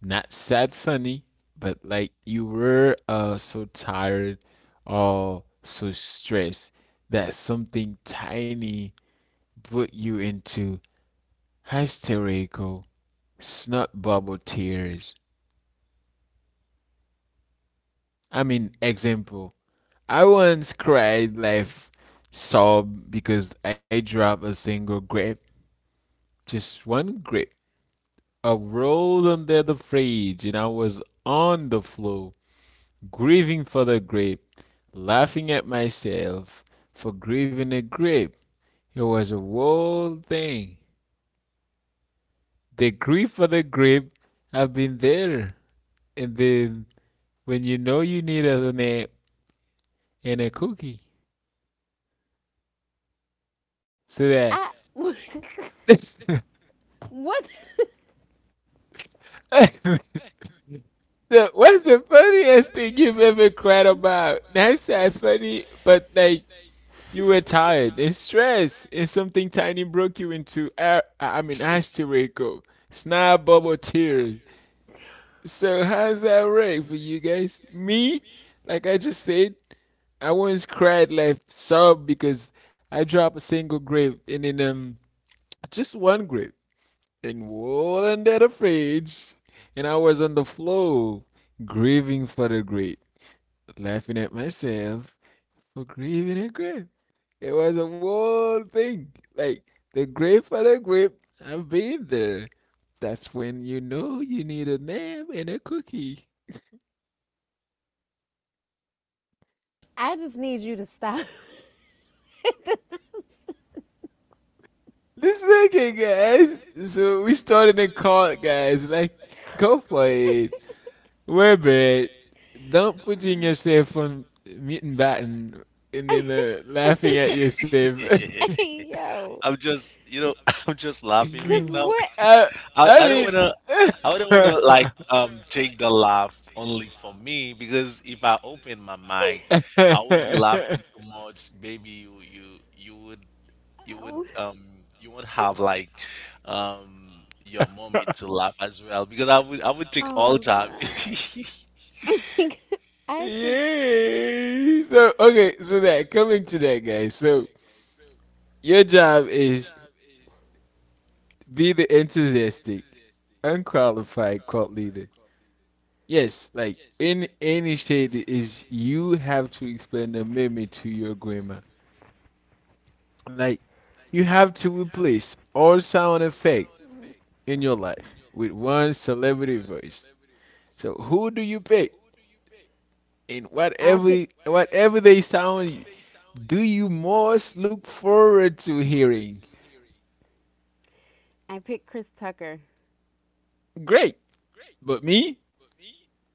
A: Not sad funny, but like you were so tired or so stressed that something tiny put you into hysterical snot bubble tears. I mean, example, I once cried like sob because I dropped a single grape, just one grape, a rolled under the fridge, and I was on the floor grieving for the grape, laughing at myself for grieving a grape. It was a whole thing. The grief for the grape, I've been there. And then when you know you need a nap and a cookie, so that
C: What
A: so what's the funniest thing you've ever cried about? That's not funny, but like you were tired and stressed, and something tiny broke you into hysterical, snap bubble tears. So, how's that work for you guys? Me, like I just said, I once cried like sob because I dropped a single grape and then just one grape and rolled under the fridge, and I was on the floor grieving for the grape, laughing at myself for grieving a grape. It was a whole thing. Like the grape for the grape. I've been there. That's when you know you need a name and a cookie.
C: I just need you to stop.
A: Let's make it, guys. So we started a cult, guys. Like, go for it. We're bad. Don't put in yourself on mute batten and then laughing at yourself.
C: Yo.
B: I'm just, I'm just laughing right now.
A: uh,
B: I,
A: I
B: I don't wanna, I don't wanna
A: mean.
B: like take the laugh only for me because if I open my mic, I would be laughing too much. Maybe you would you would you would have like your moment to laugh as well because I would take all time.
C: I just
A: Yay! So okay, so that coming to that, guys. So your job is be the enthusiastic, unqualified cult leader. Yes, like in any shade is you have to explain the meme to your grandma. Like you have to replace all sound effect in your life with one celebrity voice. So who do you pick? And
C: i
A: whatever
C: pick,
A: whatever they sound do you most look forward to hearing?
C: I picked Chris Tucker.
A: Great. But me,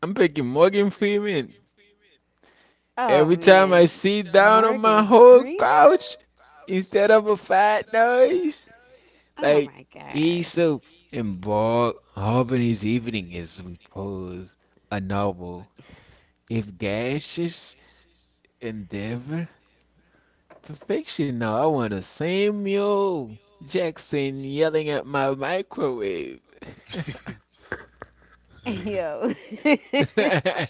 A: I'm picking Morgan Freeman.
C: Oh
A: Every time
C: man.
A: I sit down on my whole couch instead of a fat noise,
C: Oh
A: like
C: my
A: he's
C: gosh.
A: so involved, hoping his evening is repose, a novel, if gaseous endeavor, perfection now. I want a Samuel Jackson yelling at my microwave.
C: Yo.
A: Okay,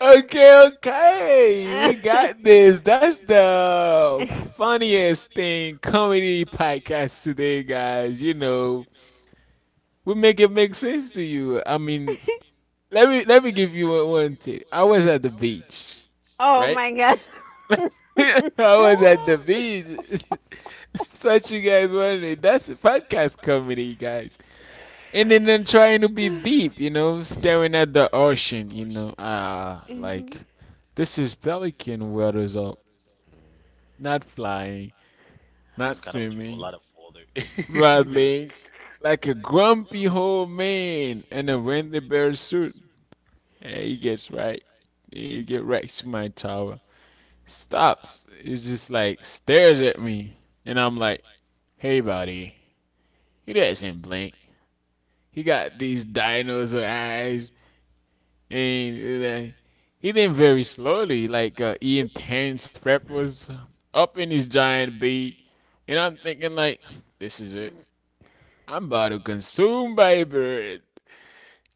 A: okay. We got this. That's the funniest thing comedy podcast today, guys. You know, we make it make sense to you. I mean, let me give you one tip. I was at the beach,
C: Oh
A: right?
C: my god.
A: I was at the beach. That's what you guys wanted. That's a podcast comedy, guys. And then I'm
C: And
A: trying to be deep, you know, staring at the ocean, you know, ah, like this is pelican waters up, not flying, not
B: You kind of drink a
A: swimming,
B: lot of water. Maybe.
A: rattling like a grumpy old man in a Wendy Bear suit. And he gets right, he get right to my tower, stops, it's just like stares at me, and I'm like, hey, buddy, he doesn't blink. He got these dinosaur eyes and he then very slowly, like Ian Terrence Prep was up in his giant bed, and I'm thinking like, this is it. I'm about to consume by bird.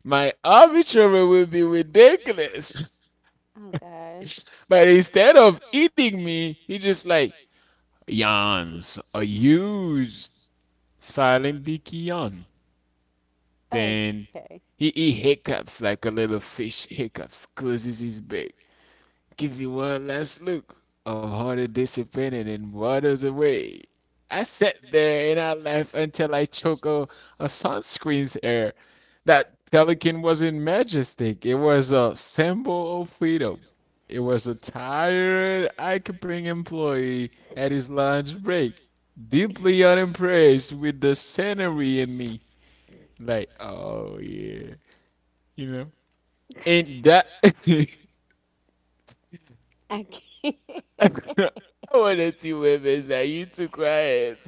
A: My obituary will be ridiculous.
C: Mhm. Oh
A: But instead of eating me, he just like yawns a huge silent beaky yawn. Then
C: gosh. Okay.
A: he hiccups like a little fish hiccups, closes his beak, give you one last look of harder disappointed and waters away. I sat there and I laughed until I choked a sunscreen's air. That pelican wasn't majestic, it was a symbol of freedom. It was a tired, occupying employee at his lunch break, deeply unimpressed with the scenery and me. Like, oh yeah, you know? Ain't that. I wanna see women that you too quiet.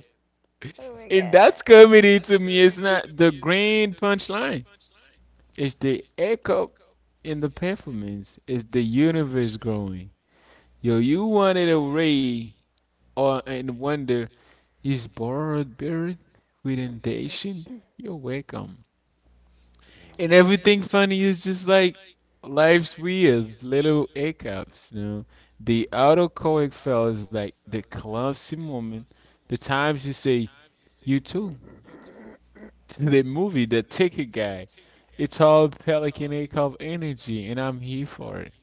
C: Oh my
A: And that's
C: god.
A: comedy to me. It's not the grand punchline. It's the echo in the performance. It's the universe growing. Yo, you wanted a ray or and wonder is borrowed buried with indentation? You're welcome. And everything funny is just like life's weird little hiccups, the autocorrect fails like the clumsy moment, the times you say you too to the movie the ticket guy. It's all pelican hiccup energy and I'm here for it.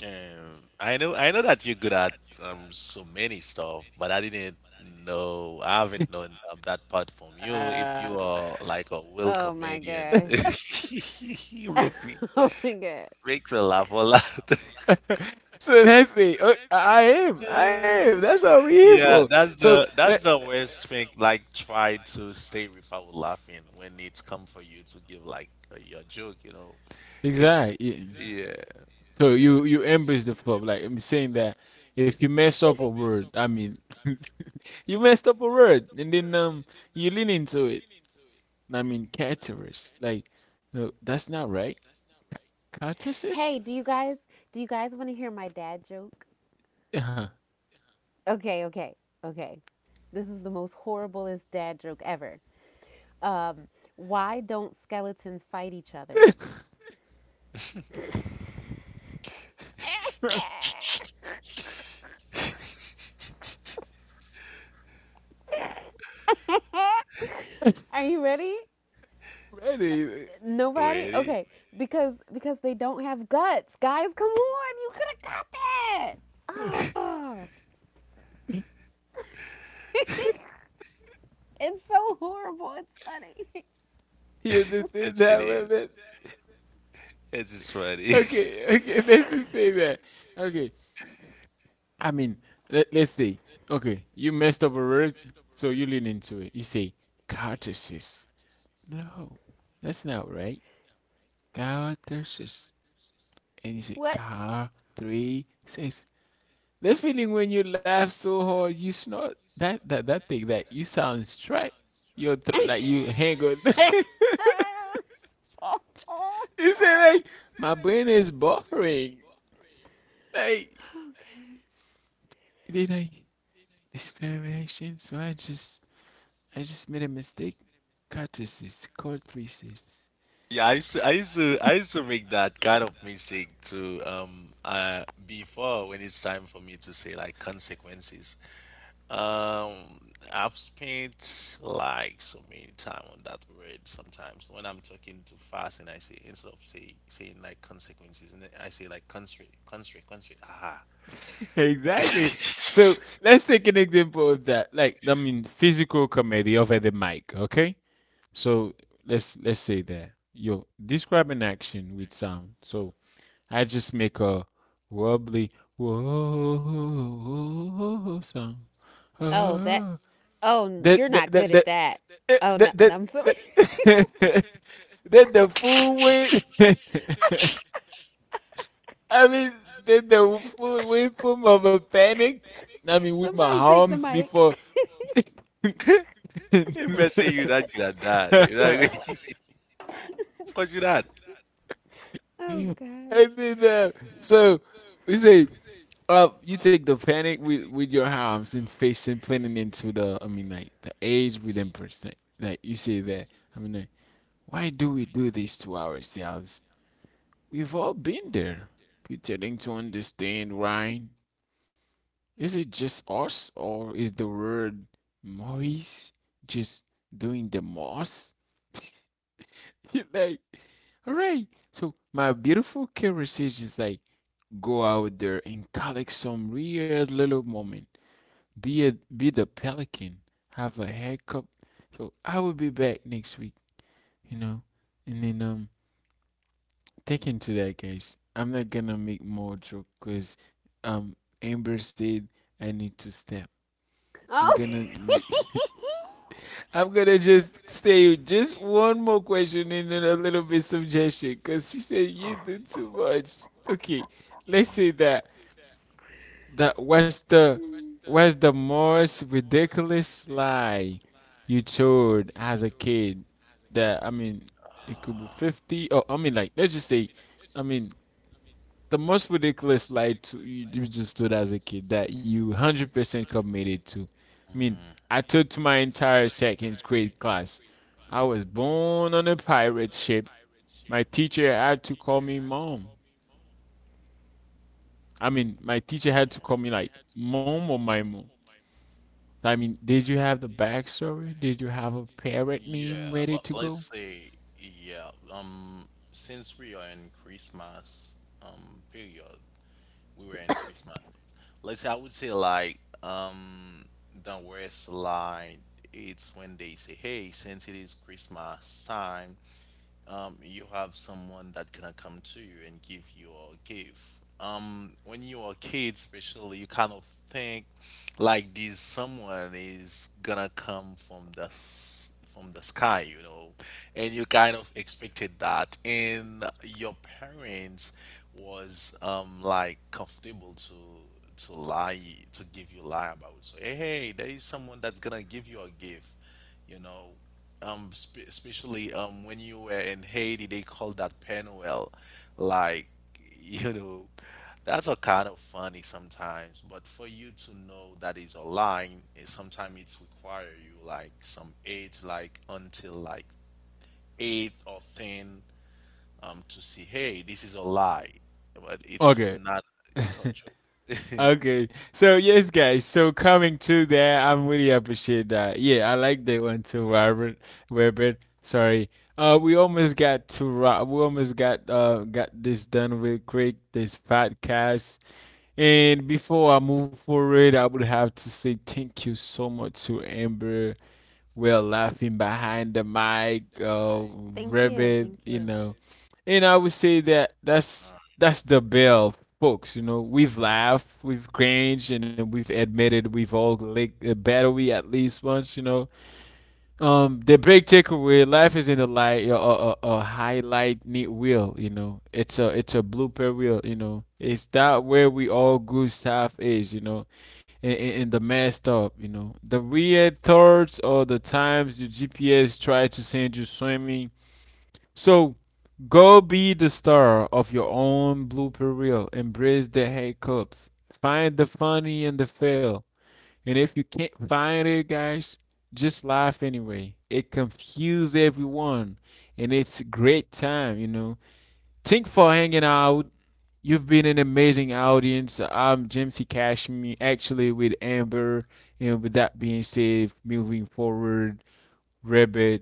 B: Yeah. I know that you're good at so many stuff, but I didn't know I haven't known that part from you. If you
A: Ah.
B: are like a real
C: Oh my.
B: comedian, you
C: Oh my god.
B: make me laugh a lot.
A: So that's it. I am I am
B: Uh,
A: that's what we're here
B: yeah,
A: for. So
B: that's
A: that,
B: the worst thing. Like try to stay without laughing when it's come for you to give like your joke, you know. It's
A: exactly.
B: yeah,
A: So
B: yeah.
A: you embrace the flop. Like I'm saying that if you mess up a word, I mean, you messed up a word, and then you lean into it. I mean, caterers. Like, no, that's not right. Catesis?
C: Hey, do you guys want to hear my dad joke?
A: Uh-huh.
C: Okay, okay, okay. This is the most horriblest dad joke ever. Um, why don't skeletons fight each other? Are you ready?
A: Ready?
C: Nobody?
B: Really?
C: Okay. Because they don't have guts. Guys, come on. You could have got that. Ah. It's so horrible. It's funny.
A: Yeah, this is
B: Yes, it
A: that way,
B: is.
A: man.
B: Yes, it's funny.
A: Okay, okay, let's just say that. Okay, I mean, let's say, okay, you messed up a word, so you lean into it. You say, catesis. No, that's not right. Count 3 6. And he said,
C: What?
A: car 3 6. The feeling when you laugh so hard, you snort. That that that thing that you sound strike your throat like you hang on. He said like my brain is buffering. Like did I discrimination? So I just made a mistake. Cut this 3 6.
B: Yeah, I used to make that kind of mistake too. Before when it's time for me to say like consequences. Um, I've spent like so many time on that word sometimes. When I'm talking too fast and I say instead of saying like consequences, and then I say like country. Ah.
A: Exactly. So let's take an example of that. Like I mean, physical comedy over the mic. Okay. So let's say that yo describe an action with sound. So I just make a wobbly whoa sound.
C: Oh, that.
A: Ah.
C: Oh,
A: that
C: you're
A: that
C: not
A: that
C: good
A: that
C: at that.
A: that
C: Oh no,
A: that that,
C: I'm so,
A: that that the full weight. I mean, that the full weight form of a panic. I mean, with
C: so.
A: my arms before. And
B: You better say you're not good at that. You're not. Of course, you're not.
C: Oh gosh.
A: then so we say, you take the panic with your arms and face and planning into the, I mean like the age with them percent, like you say that, I mean like, why do we do this to ourselves? We've all been there, pretending to understand right. Is it just us or is the word Maurice just doing the most? Like all right. So my beautiful conversation is like, go out there and collect some weird little moment. Be a be the pelican. Have a haircut. So I will be back next week, you know. And then take into that, guys. I'm not gonna make more joke because um Amber said I need to step. I'm
C: Oh.
A: gonna make, I'm gonna just stay with just one more question and then a little bit suggestion because she said you do too much. Okay, let's
B: Mm.
A: say that. That what's the what's the most ridiculous lie you told as a kid? That I mean, it could be 50, or I mean, like let's just say, I mean, the most ridiculous lie to you, you just told as a kid that you 100% committed to. I mean,
B: Mm,
A: I told to my entire second grade class, I was born on a pirate ship. My teacher had to call me mom. I mean, my teacher had to call me like mom or my mom. I mean, did you have the backstory? Did you have a parrot
B: yeah,
A: name ready
B: but
A: to
B: let's
A: go?
B: say, yeah, since we are in Christmas, period, we were in Christmas. Let's say I would say like, the worst line it's when they say, "Hey, since it is Christmas time, you have someone that gonna come to you and give you a gift. When you are a kid, especially, you kind of think like this someone is gonna come from from the sky, you know, and you kind of expected that, and your parents was like comfortable to lie to give you lie about. So hey, hey, there is someone that's gonna give you a gift, you know, especially when you were in Haiti they call that Penuel, like you know, that's a kind of funny sometimes, but for you to know that is a line, it, sometimes it's require you like some age like until like 8 or 10 to see, hey, this is a lie, but it's
A: Okay.
B: not, it's a joke.
A: Okay. So yes, guys. So coming to that, I'm really appreciate that. Yeah, I like that one too, Robert. Robert. Sorry. We almost got to we almost got this done real quick. This podcast. And before I move forward, I would have to say thank you so much to Amber. We're laughing behind the mic,
C: You.
A: rabbit,
C: Thank
A: you know. And I would say that that's
B: Uh,
A: that's the bell, folks. You know, we've laughed, we've cringed, and then we've admitted we've all licked a battery at least once. You know, the big takeaway: life is in the light, a highlight neat wheel. You know, it's a blooper wheel. You know, it's that where we all good stuff is. You know, in the messed up. You know, the weird thoughts or the times your GPS tried to send you swimming. So go be the star of your own blooper reel. Embrace the hiccups. Find the funny in the fail. And if you can't find it, guys, just laugh anyway. It confuses everyone, and it's a great time, you know. Thank for hanging out. You've been an amazing audience. I'm Jimsy Cashmere, actually with Amber. And with that being said, moving forward, Rabbit,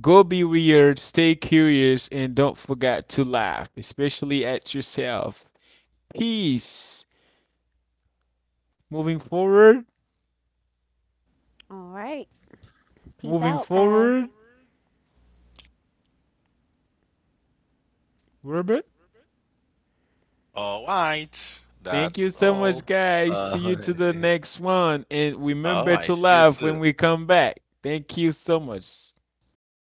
A: go be weird, stay curious, and don't forget to laugh, especially at yourself. Peace. Moving forward,
C: All right. Peace
A: moving
C: out, guys.
A: forward, Rabbit.
B: all right,
A: Thank you
B: that's
A: so
B: all.
A: much, guys.
B: uh,
A: See you to the next one. And remember
B: oh,
A: to
B: see you
A: laugh
B: too.
A: when we come back. Thank you so much.